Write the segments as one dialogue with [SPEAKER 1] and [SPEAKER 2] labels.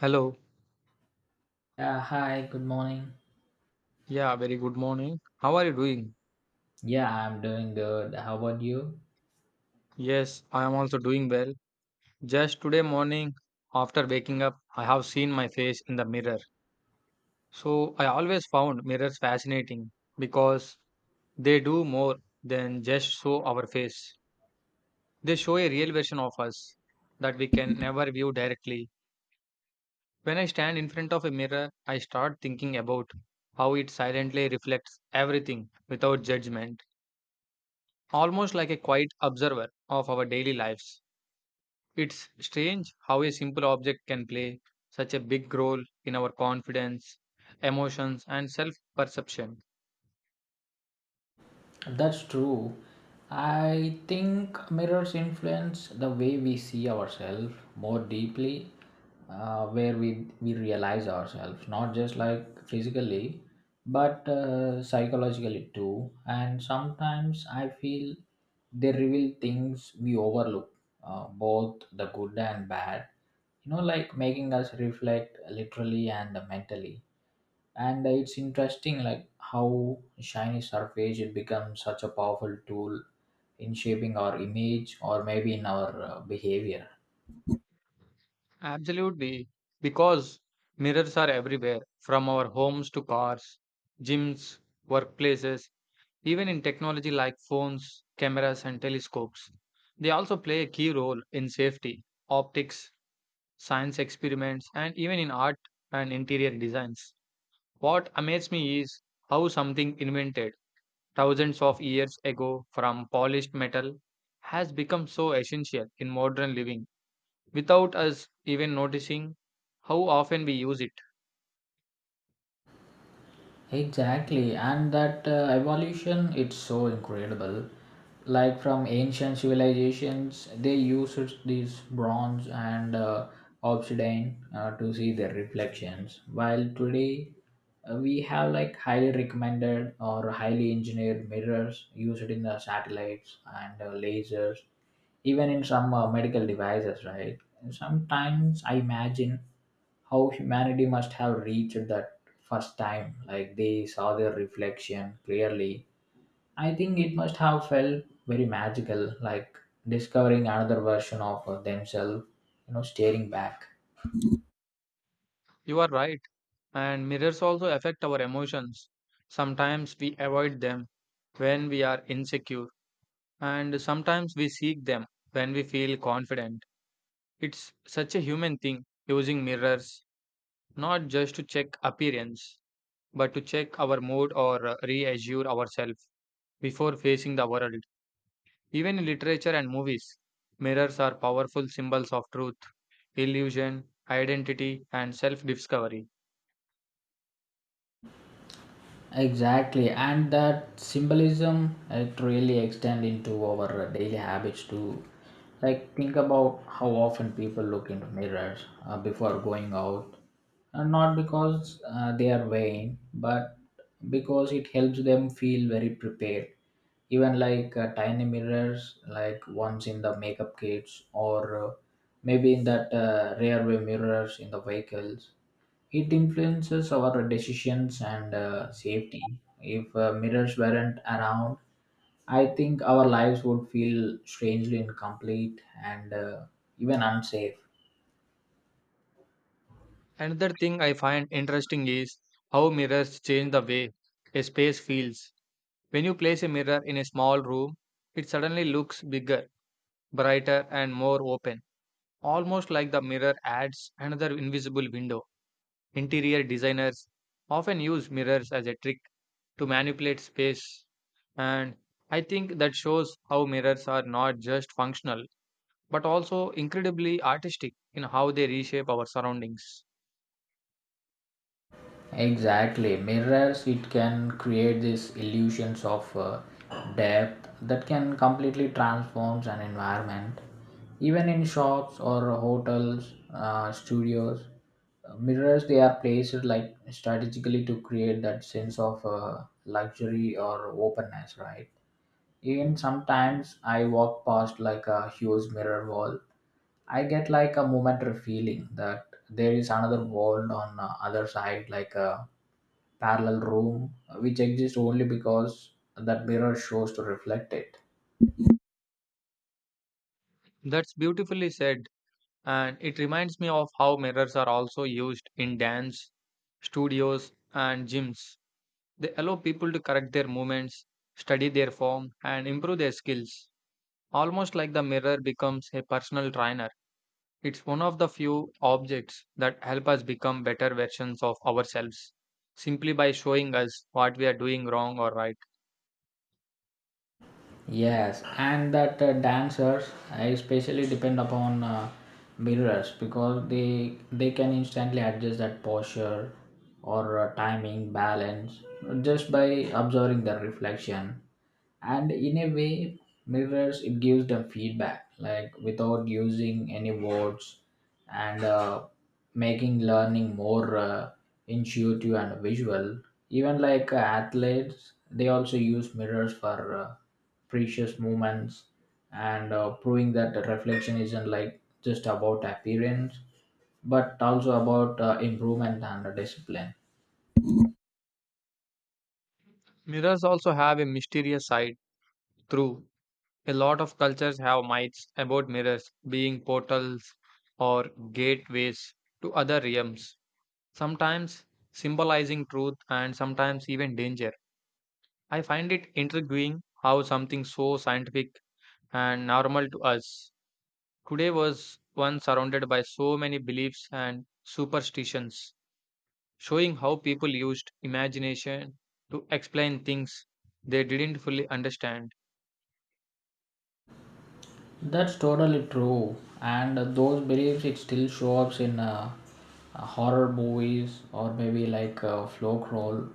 [SPEAKER 1] Hello.
[SPEAKER 2] Yeah, hi, good morning.
[SPEAKER 1] Yeah, very good morning. How are you doing?
[SPEAKER 2] Yeah, I'm doing good. How about you?
[SPEAKER 1] Yes, I am also doing well. Just today morning, after waking up, I have seen my face in the mirror. So I always found mirrors fascinating because they do more than just show our face. They show a real version of us that we can never view directly. When I stand in front of a mirror, I start thinking about how it silently reflects everything without judgment, almost like a quiet observer of our daily lives. It's strange how a simple object can play such a big role in our confidence, emotions, and self perception.
[SPEAKER 2] That's true. I think mirrors influence the way we see ourselves more deeply, where we realize ourselves, not just like physically, but psychologically too. And sometimes I feel they reveal things we overlook, both the good and bad, you know, like making us reflect literally and mentally, and it's interesting like how shiny surface it becomes such a powerful tool in shaping our image, or maybe in our behavior.
[SPEAKER 1] Absolutely, because mirrors are everywhere from our homes to cars, gyms, workplaces, even in technology like phones, cameras, and telescopes. They also play a key role in safety, optics, science experiments, and even in art and interior designs. What amazes me is how something invented thousands of years ago from polished metal has become so essential in modern living without us even noticing how often we use it.
[SPEAKER 2] Exactly, and that evolution, it's so incredible. Like from ancient civilizations, they used these bronze and obsidian to see their reflections. While today, we have like highly recommended or highly engineered mirrors used in the satellites and lasers, even in some medical devices, right? And sometimes I imagine how humanity must have reached that first time, like they saw their reflection clearly. I think it must have felt very magical, like discovering another version of themselves, you know, staring back.
[SPEAKER 1] You are right, and mirrors also affect our emotions. Sometimes we avoid them when we are insecure, and sometimes we seek them when we feel confident. It's such a human thing using mirrors not just to check appearance but to check our mood or reassure ourselves before facing the world. Even in literature and movies, mirrors are powerful symbols of truth, illusion, identity, and self discovery.
[SPEAKER 2] Exactly, and that symbolism, it really extend into our daily habits too. Like think about how often people look into mirrors before going out, and not because they are vain, but because it helps them feel very prepared. Even like tiny mirrors, like ones in the makeup kits, or maybe in that rearview mirrors in the vehicles, it influences our decisions and safety. If mirrors weren't around, I think our lives would feel strangely incomplete and even unsafe.
[SPEAKER 1] Another thing I find interesting is how mirrors change the way a space feels. When you place a mirror in a small room, it suddenly looks bigger, brighter, and more open, almost like the mirror adds another invisible window. Interior designers often use mirrors as a trick to manipulate space. And I think that shows how mirrors are not just functional, but also incredibly artistic in how they reshape our surroundings.
[SPEAKER 2] Exactly. Mirrors, it can create these illusions of depth that can completely transforms an environment. Even in shops or hotels, studios, mirrors, they are placed like strategically to create that sense of luxury or openness, right? Even sometimes I walk past like a huge mirror wall. I get like a momentary feeling that there is another world on the other side, like a parallel room, which exists only because that mirror shows to reflect it.
[SPEAKER 1] That's beautifully said, and it reminds me of how mirrors are also used in dance, studios, and gyms. They allow people to correct their movements, study their form, and improve their skills, almost like the mirror becomes a personal trainer. It's one of the few objects that help us become better versions of ourselves simply by showing us what we are doing wrong or right.
[SPEAKER 2] Yes, and that dancers especially depend upon mirrors, because they can instantly adjust that posture or timing balance just by observing their reflection. And in a way, mirrors, it gives them feedback like without using any words, and making learning more intuitive and visual. Even like athletes, they also use mirrors for. Precious moments, and proving that the reflection isn't like just about appearance, but also about improvement and discipline.
[SPEAKER 1] Mirrors also have a mysterious side through. A lot of cultures have myths about mirrors being portals or gateways to other realms, sometimes symbolizing truth and sometimes even danger. I find it intriguing how something so scientific and normal to us today was one surrounded by so many beliefs and superstitions, showing how people used imagination to explain things they didn't fully understand.
[SPEAKER 2] That's totally true. And those beliefs, it still show up in horror movies, or maybe like a folk role.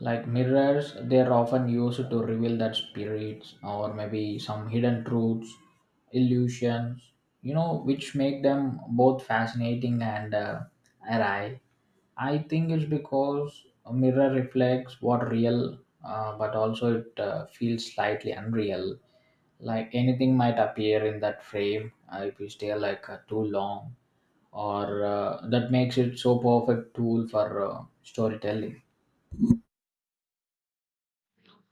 [SPEAKER 2] Like mirrors, they are often used to reveal that spirits, or maybe some hidden truths, illusions, you know, which make them both fascinating and awry. I think it's because a mirror reflects what real, but also it feels slightly unreal, like anything might appear in that frame if you stay like too long, or that makes it so perfect tool for storytelling.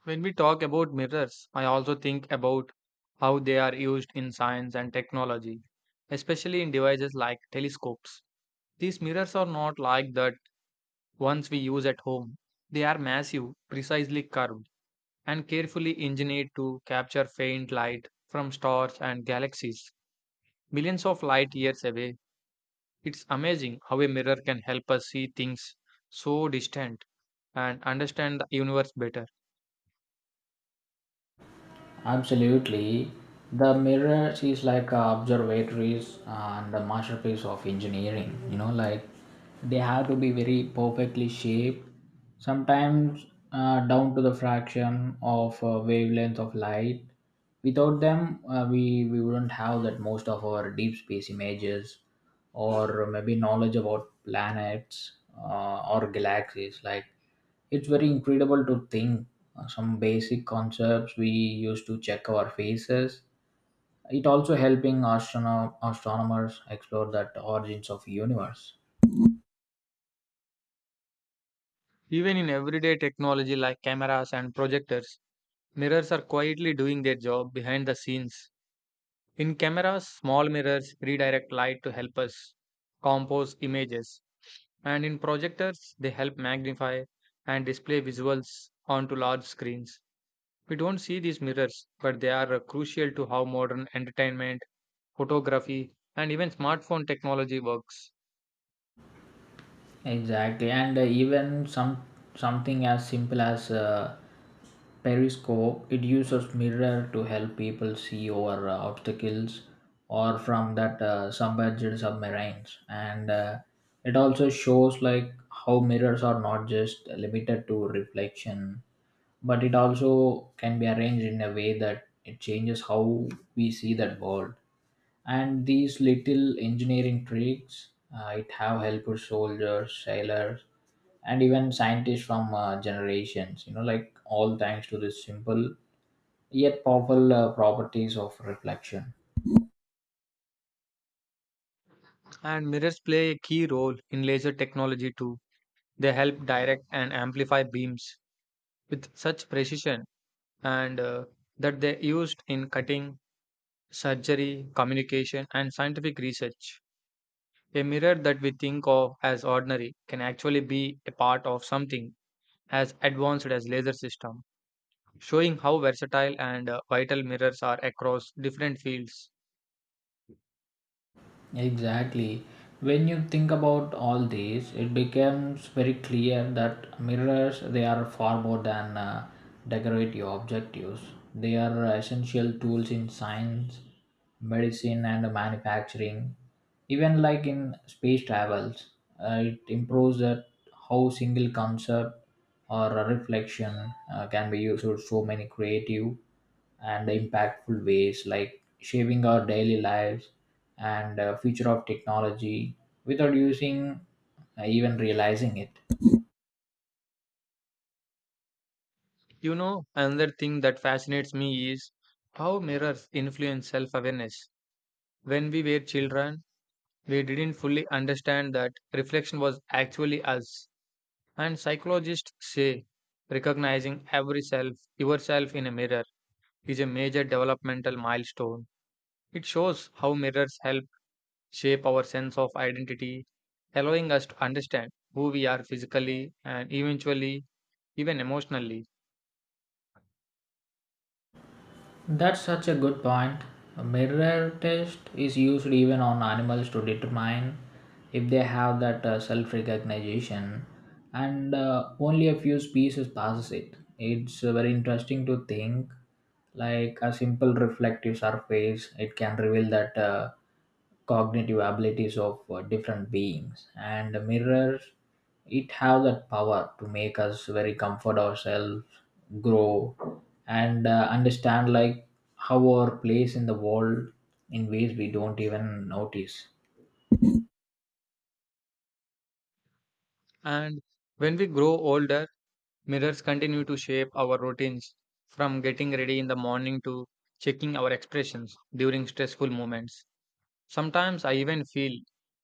[SPEAKER 1] When we talk about mirrors, I also think about how they are used in science and technology, especially in devices like telescopes. These mirrors are not like that ones we use at home. They are massive, precisely curved, and carefully engineered to capture faint light from stars and galaxies, millions of light years away. It's amazing how a mirror can help us see things so distant and understand the universe better.
[SPEAKER 2] Absolutely. The mirrors is like observatories and the masterpiece of engineering. You know, like they have to be very perfectly shaped, sometimes down to the fraction of wavelength of light. Without them, we wouldn't have that most of our deep space images, or maybe knowledge about planets or galaxies. Like it's very incredible to think some basic concepts we used to check our faces. It also helping astronomers explore that origins of universe.
[SPEAKER 1] Even in everyday technology like cameras and projectors, mirrors are quietly doing their job behind the scenes. In cameras, small mirrors redirect light to help us compose images, and in projectors, they help magnify and display visuals onto large screens. We don't see these mirrors, but they are crucial to how modern entertainment photography, and even smartphone technology works.
[SPEAKER 2] Exactly, and even some something as simple as periscope, it uses mirror to help people see over obstacles, or from that submerged submarines, and it also shows like how mirrors are not just limited to reflection, but it also can be arranged in a way that it changes how we see that world. And these little engineering tricks, it have helped soldiers sailors and even scientists from generations, you know, like all thanks to this simple yet powerful properties of reflection.
[SPEAKER 1] And mirrors play a key role in laser technology too. They help direct and amplify beams with such precision and that they used in cutting, surgery, communication, and scientific research. A mirror that we think of as ordinary can actually be a part of something as advanced as laser system, showing how versatile and vital mirrors are across different fields.
[SPEAKER 2] Exactly. When you think about all these, it becomes very clear that mirrors, they are far more than decorative objectives. They are essential tools in science, medicine, and manufacturing. Even like in space travels, it improves that how single concept or a reflection can be used for so many creative and impactful ways, like shaping our daily lives and future of technology without using even realizing it.
[SPEAKER 1] You know, another thing that fascinates me is how mirrors influence self awareness. When we were children, we didn't fully understand that reflection was actually us. And psychologists say recognizing every self, yourself in a mirror, is a major developmental milestone. It shows how mirrors help shape our sense of identity, allowing us to understand who we are physically and eventually, even emotionally.
[SPEAKER 2] That's such a good point. A mirror test is used even on animals to determine if they have that self-recognition, and only a few species passes it. It's very interesting to think like a simple reflective surface, it can reveal that cognitive abilities of different beings, and the mirror, it have that power to make us very comfort ourselves, grow, and understand like how our place in the world, in ways we don't even notice.
[SPEAKER 1] And when we grow older, mirrors continue to shape our routines from getting ready in the morning to checking our expressions during stressful moments. Sometimes I even feel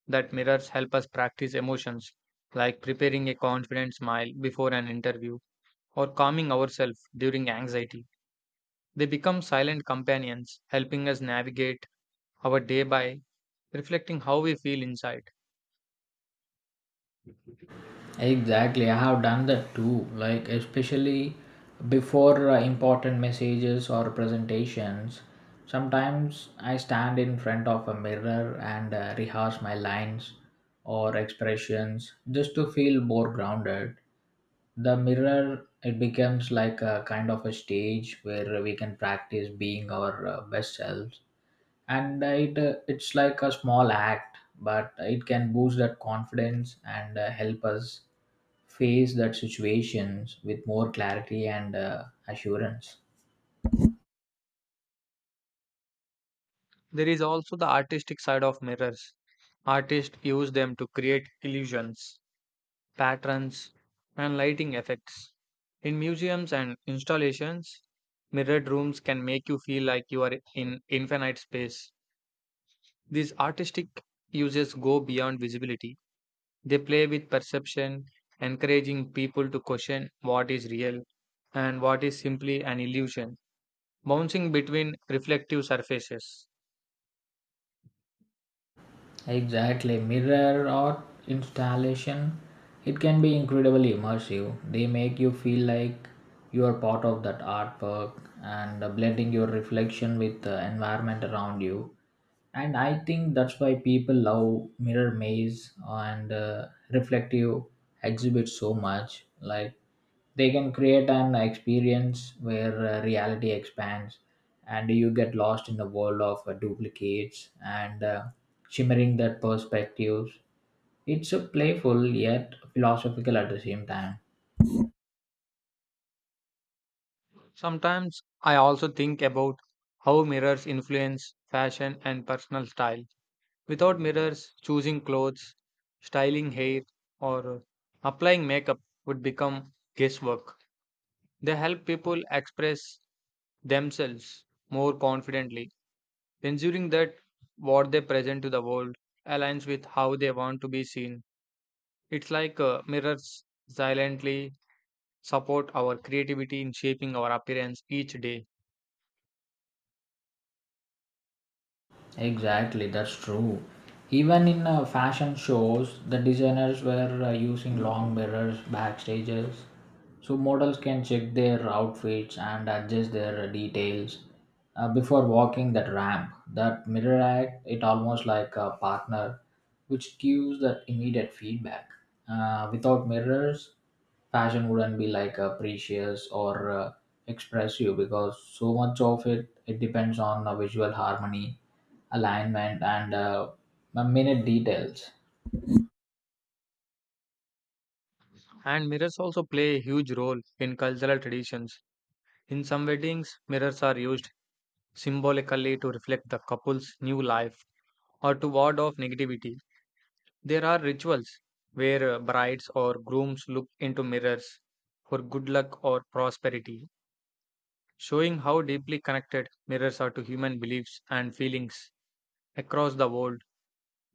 [SPEAKER 1] that mirrors help us practice emotions like preparing a confident smile before an interview or calming ourselves during anxiety. They become silent companions, helping us navigate our day by reflecting how we feel inside.
[SPEAKER 2] Exactly, I have done that too. Like, especially before important messages or presentations, sometimes I stand in front of a mirror and rehearse my lines or expressions just to feel more grounded. The mirror, it becomes like a kind of a stage where we can practice being our best selves. And it's like a small act, but it can boost that confidence and help us face that situations with more clarity and assurance.
[SPEAKER 1] There is also the artistic side of mirrors. Artists use them to create illusions patterns, and lighting effects. In museums and installations, mirrored rooms can make you feel like you are in infinite space. These artistic uses go beyond visibility. They play with perception, encouraging people to question what is real and what is simply an illusion, bouncing between reflective surfaces.
[SPEAKER 2] Exactly, mirror art installation, it can be incredibly immersive. They make you feel like you are part of that artwork, and blending your reflection with the environment around you. And I think that's why people love mirror maze and reflective exhibits so much. Like they can create an experience where reality expands and you get lost in the world of duplicates and shimmering that perspectives. It's a playful yet philosophical at the same time.
[SPEAKER 1] Sometimes I also think about how mirrors influence fashion and personal style. Without mirrors, choosing clothes, styling hair, or applying makeup would become guesswork. They help people express themselves more confidently, ensuring that what they present to the world aligns with how they want to be seen. It's like mirrors silently support our creativity in shaping our appearance each day.
[SPEAKER 2] Exactly, that's true. Even in fashion shows, the designers were using long mirrors backstages so models can check their outfits and adjust their details before walking that ramp. That mirror act, it almost like a partner which gives that immediate feedback. Without mirrors, fashion wouldn't be like precious or expressive, because so much of it, it depends on visual harmony, alignment, and minute details.
[SPEAKER 1] And mirrors also play a huge role in cultural traditions. In some weddings, mirrors are used symbolically to reflect the couple's new life or to ward off negativity. There are rituals where brides or grooms look into mirrors for good luck or prosperity, showing how deeply connected mirrors are to human beliefs and feelings across the world.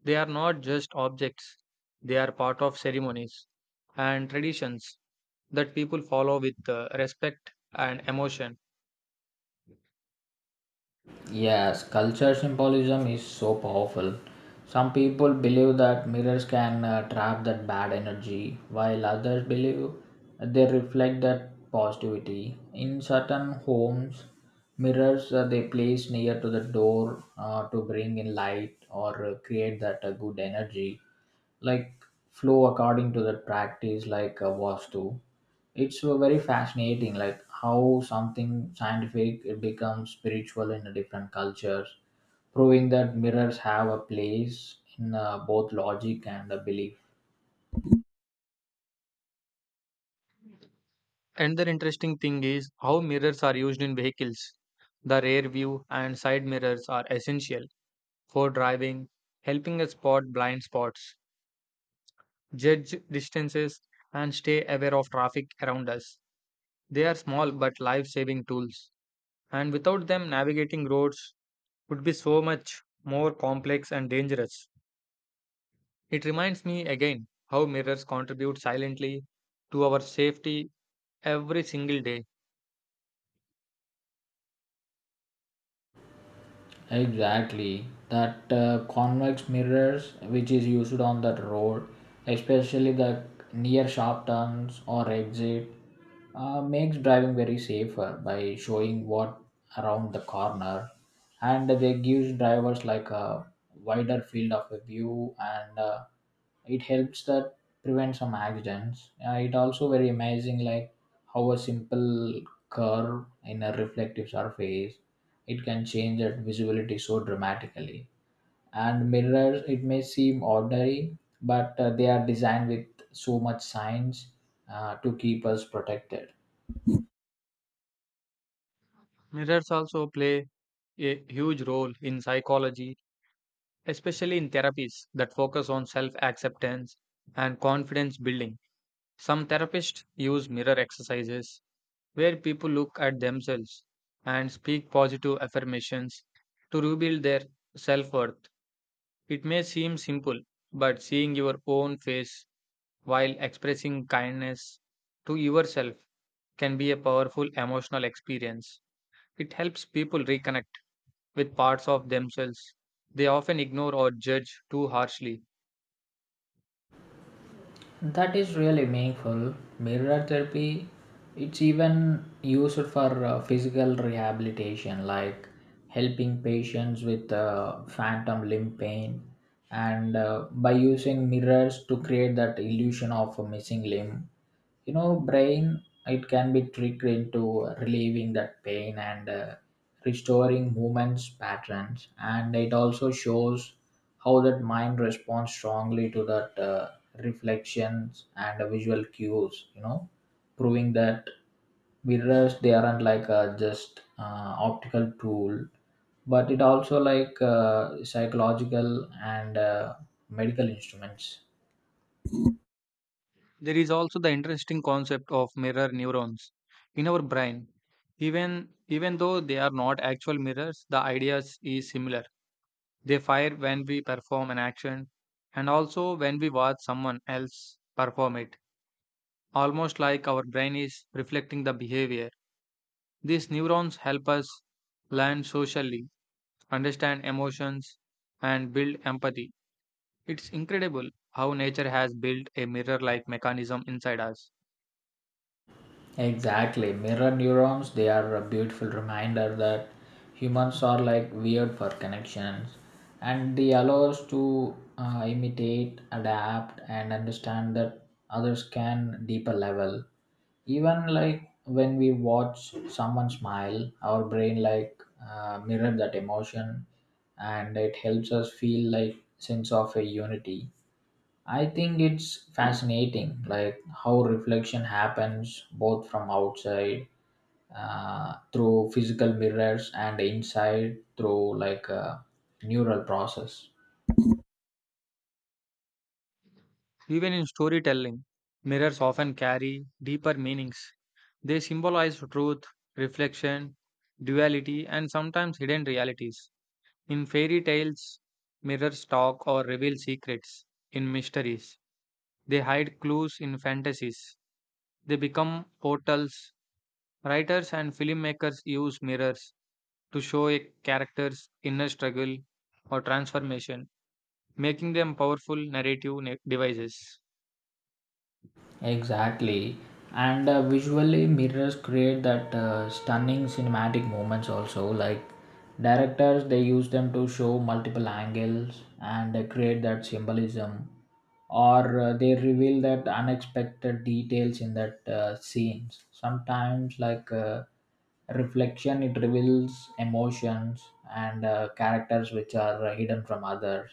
[SPEAKER 1] They are not just objects, they are part of ceremonies and traditions that people follow with respect and emotion.
[SPEAKER 2] Yes, culture symbolism is so powerful. Some people believe that mirrors can trap that bad energy, while others believe they reflect that positivity. In certain homes, mirrors they place near to the door to bring in light, or create that good energy like flow according to the practice, like was to, it's very fascinating like how something scientific it becomes spiritual in a different cultures, proving that mirrors have a place in both logic and belief.
[SPEAKER 1] Another interesting thing is how mirrors are used in vehicles. The rear view and side mirrors are essential for driving, helping us spot blind spots, judge distances, and stay aware of traffic around us. They are small but life saving tools, and without them, navigating roads would be so much more complex and dangerous. It reminds me again how mirrors contribute silently to our safety every single day.
[SPEAKER 2] Exactly. That convex mirrors, which is used on that road, especially the near sharp turns or exit, makes driving very safer by showing what around the corner, and they gives drivers like a wider field of a view and. It helps that prevent some accidents. It also very amazing like how a simple curve in a reflective surface, it can change that visibility so dramatically. And mirrors, it may seem ordinary, but they are designed with so much science to keep us protected.
[SPEAKER 1] Mirrors also play a huge role in psychology, especially in therapies that focus on self acceptance and confidence building. Some therapists use mirror exercises where people look at themselves and speak positive affirmations to rebuild their self worth. It may seem simple, but seeing your own face while expressing kindness to yourself can be a powerful emotional experience. It helps people reconnect with parts of themselves they often ignore or judge too harshly.
[SPEAKER 2] That is really meaningful. Mirror therapy, it's even used for physical rehabilitation, like helping patients with phantom limb pain, and by using mirrors to create that illusion of a missing limb, you know, brain it can be tricked into relieving that pain and restoring movements patterns. And it also shows how that mind responds strongly to that reflections and visual cues, you know, proving that mirrors, they aren't like a just optical tool, but it also like psychological and medical instruments.
[SPEAKER 1] There is also the interesting concept of mirror neurons in our brain. Even though they are not actual mirrors, the ideas is similar. They fire when we perform an action and also when we watch someone else perform it, almost like our brain is reflecting the behavior. These neurons help us learn socially, understand emotions, and build empathy. It's incredible how nature has built a mirror like mechanism inside us.
[SPEAKER 2] Exactly. Mirror neurons, they are a beautiful reminder that humans are like weird for connections, and they allow us to imitate, adapt, and understand that others can deeper level. Even like when we watch someone smile, our brain like mirror that emotion, and it helps us feel like sense of a unity. I think it's fascinating, like how reflection happens both from outside through physical mirrors and inside through like a neural process.
[SPEAKER 1] Even in storytelling, mirrors often carry deeper meanings. They symbolize truth, reflection, duality, and sometimes hidden realities. In fairy tales, mirrors talk or reveal secrets. In mysteries, they hide clues in fantasies. They become portals. Writers and filmmakers use mirrors to show a character's inner struggle or transformation, making them powerful narrative devices.
[SPEAKER 2] Exactly. And visually, mirrors create that stunning cinematic moments also. Like directors, they use them to show multiple angles and create that symbolism, or they reveal that unexpected details in that scenes. Sometimes, like reflection, it reveals emotions and characters which are hidden from others,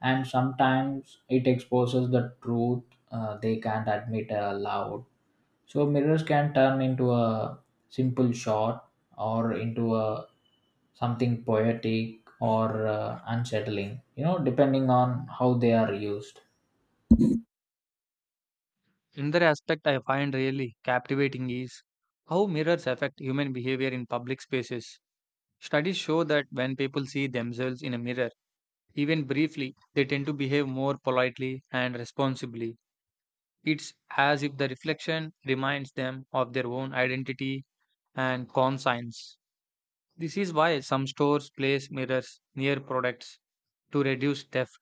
[SPEAKER 2] and sometimes it exposes the truth they can't admit aloud. So mirrors can turn into a simple shot, or into a something poetic or unsettling, you know, depending on how they are used.
[SPEAKER 1] Another aspect I find really captivating is how mirrors affect human behavior in public spaces. Studies show that when people see themselves in a mirror, even briefly, they tend to behave more politely and responsibly. It's as if the reflection reminds them of their own identity and conscience. This is why some stores place mirrors near products to reduce theft.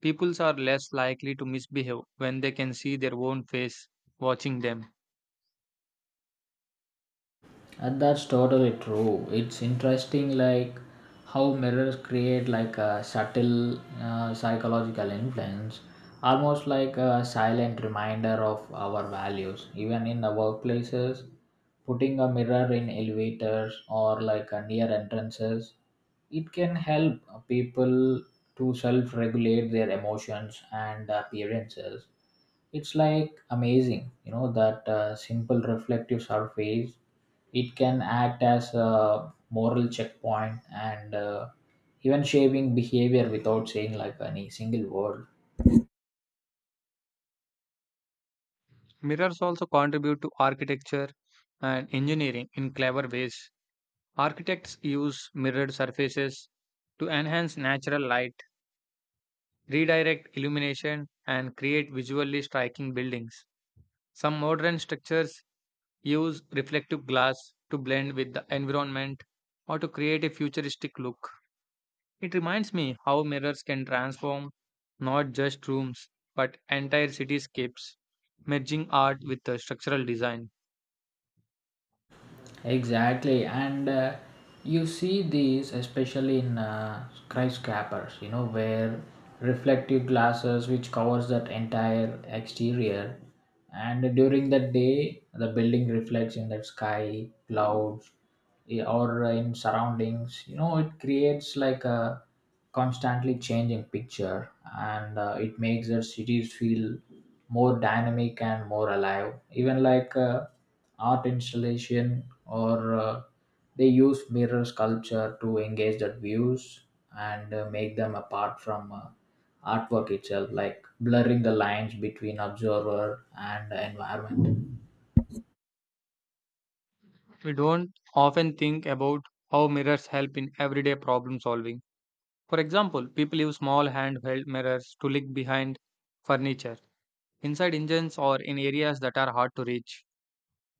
[SPEAKER 1] Peoples are less likely to misbehave when they can see their own face watching them.
[SPEAKER 2] And that's totally true. It's interesting, like how mirrors create like a subtle psychological influence, almost like a silent reminder of our values. Even in the workplaces, putting a mirror in elevators or like a near entrances, it can help people to self-regulate their emotions and appearances. It's like amazing, you know, that simple reflective surface, it can act as a moral checkpoint and even shaping behavior without saying like any single word.
[SPEAKER 1] Mirrors also contribute to architecture and engineering in clever ways. Architects use mirrored surfaces to enhance natural light, redirect illumination, and create visually striking buildings. Some modern structures use reflective glass to blend with the environment or to create a futuristic look. It reminds me how mirrors can transform not just rooms but entire cityscapes, merging art with the structural design.
[SPEAKER 2] Exactly, and you see these especially in skyscrapers, you know, where reflective glasses which covers that entire exterior, and during the day the building reflects in that sky, clouds, eh, or in surroundings. You know, it creates like a constantly changing picture, and it makes the cities feel more dynamic and more alive. Even like art installation, or they use mirror sculpture to engage the views and make them apart from artwork itself, like blurring the lines between observer and environment.
[SPEAKER 1] We don't often think about how mirrors help in everyday problem solving. For example, people use small handheld mirrors to look behind furniture, inside engines, or in areas that are hard to reach.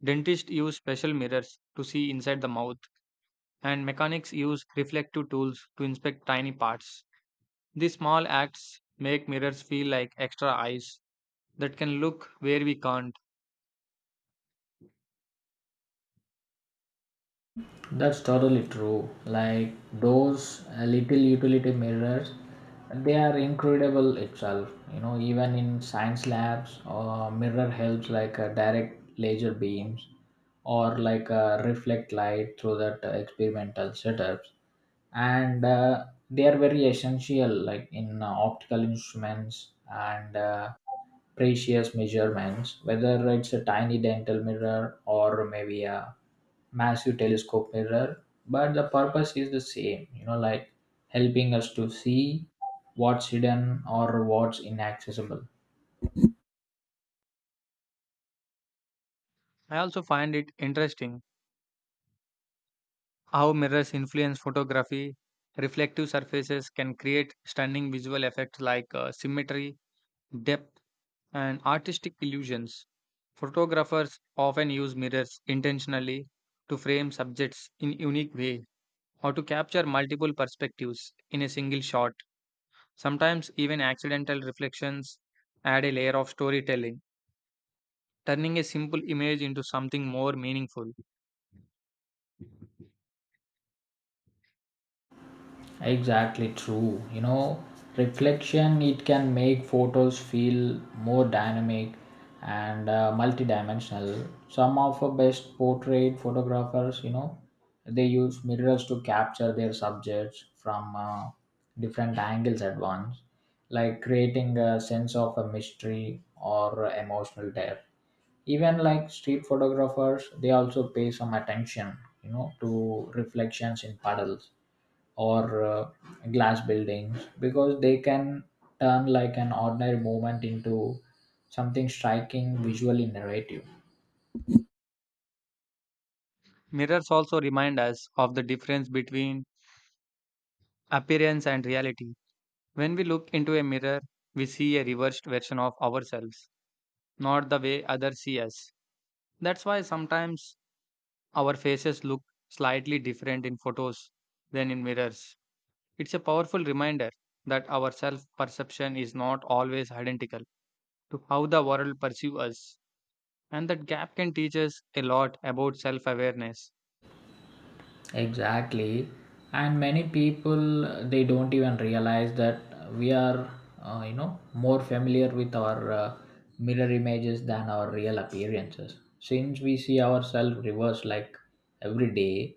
[SPEAKER 1] Dentists use special mirrors to see inside the mouth, and mechanics use reflective tools to inspect tiny parts. These small acts make mirrors feel like extra eyes that can look where we can't.
[SPEAKER 2] That's totally true. Like those little utility mirrors, they are incredible itself. You know, even in science labs, mirror helps like direct laser beams or like reflect light through that experimental setups, and they are very essential like in optical instruments and precious measurements. Whether it's a tiny dental mirror or maybe a massive telescope mirror, but the purpose is the same, you know, like helping us to see what's hidden or what's inaccessible.
[SPEAKER 1] I also find it interesting how mirrors influence photography. Reflective surfaces can create stunning visual effects like symmetry, depth, and artistic illusions. Photographers often use mirrors intentionally to frame subjects in unique way or to capture multiple perspectives in a single shot. Sometimes even accidental reflections add a layer of storytelling, turning a simple image into something more meaningful.
[SPEAKER 2] Exactly true. You know, reflection it can make photos feel more dynamic and multidimensional. Some of the best portrait photographers, you know, they use mirrors to capture their subjects from different angles at once, like creating a sense of a mystery or emotional depth. Even like street photographers, they also pay some attention, you know, to reflections in puddles or glass buildings, because they can turn like an ordinary moment into something striking visually narrative.
[SPEAKER 1] Mirrors also remind us of the difference between appearance and reality. When we look into a mirror, we see a reversed version of ourselves, not the way others see us. That's why sometimes our faces look slightly different in photos than in mirrors. It's a powerful reminder that our self perception is not always identical to how the world perceives us, and that gap can teach us a lot about self awareness.
[SPEAKER 2] Exactly. And many people they don't even realize that we are you know more familiar with our mirror images than our real appearances. Since we see ourselves reversed like every day,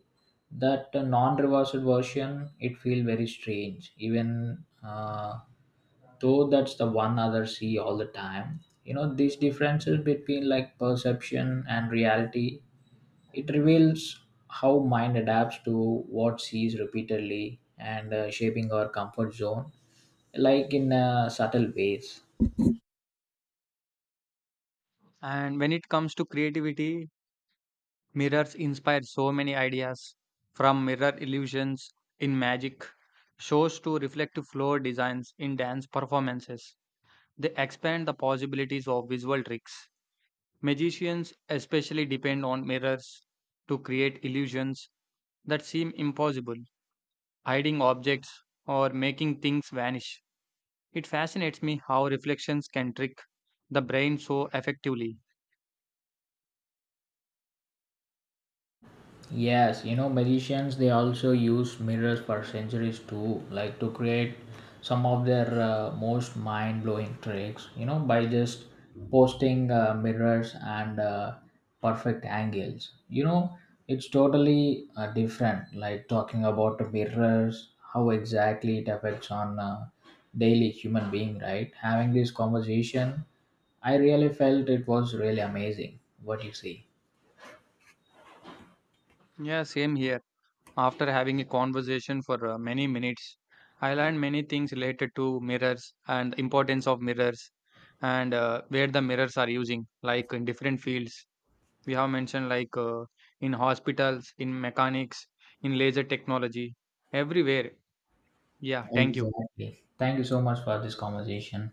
[SPEAKER 2] that non-reversed version it feels very strange. Even though that's the one others see all the time, you know, these differences between like perception and reality, it reveals how mind adapts to what sees repeatedly and shaping our comfort zone, like in subtle ways.
[SPEAKER 1] And when it comes to creativity, mirrors inspire so many ideas from mirror illusions in magic shows to reflective floor designs in dance performances. They expand the possibilities of visual tricks. Magicians especially depend on mirrors to create illusions that seem impossible, hiding objects or making things vanish. It fascinates me how reflections can trick the brain so effectively.
[SPEAKER 2] Yes, you know, magicians they also use mirrors for centuries too, like to create some of their most mind blowing tricks, you know, by just posting mirrors and perfect angles. You know, it's totally different, like talking about the mirrors, how exactly it affects on daily human being, right? Having this conversation, I really felt it was really amazing. What do you see?
[SPEAKER 1] Yeah, same here. After having a conversation for many minutes, I learned many things related to mirrors and importance of mirrors and where the mirrors are using like in different fields we have mentioned like in hospitals, in mechanics, in laser technology, everywhere. Yeah, thank you.
[SPEAKER 2] Exactly. Thank you so much for this conversation.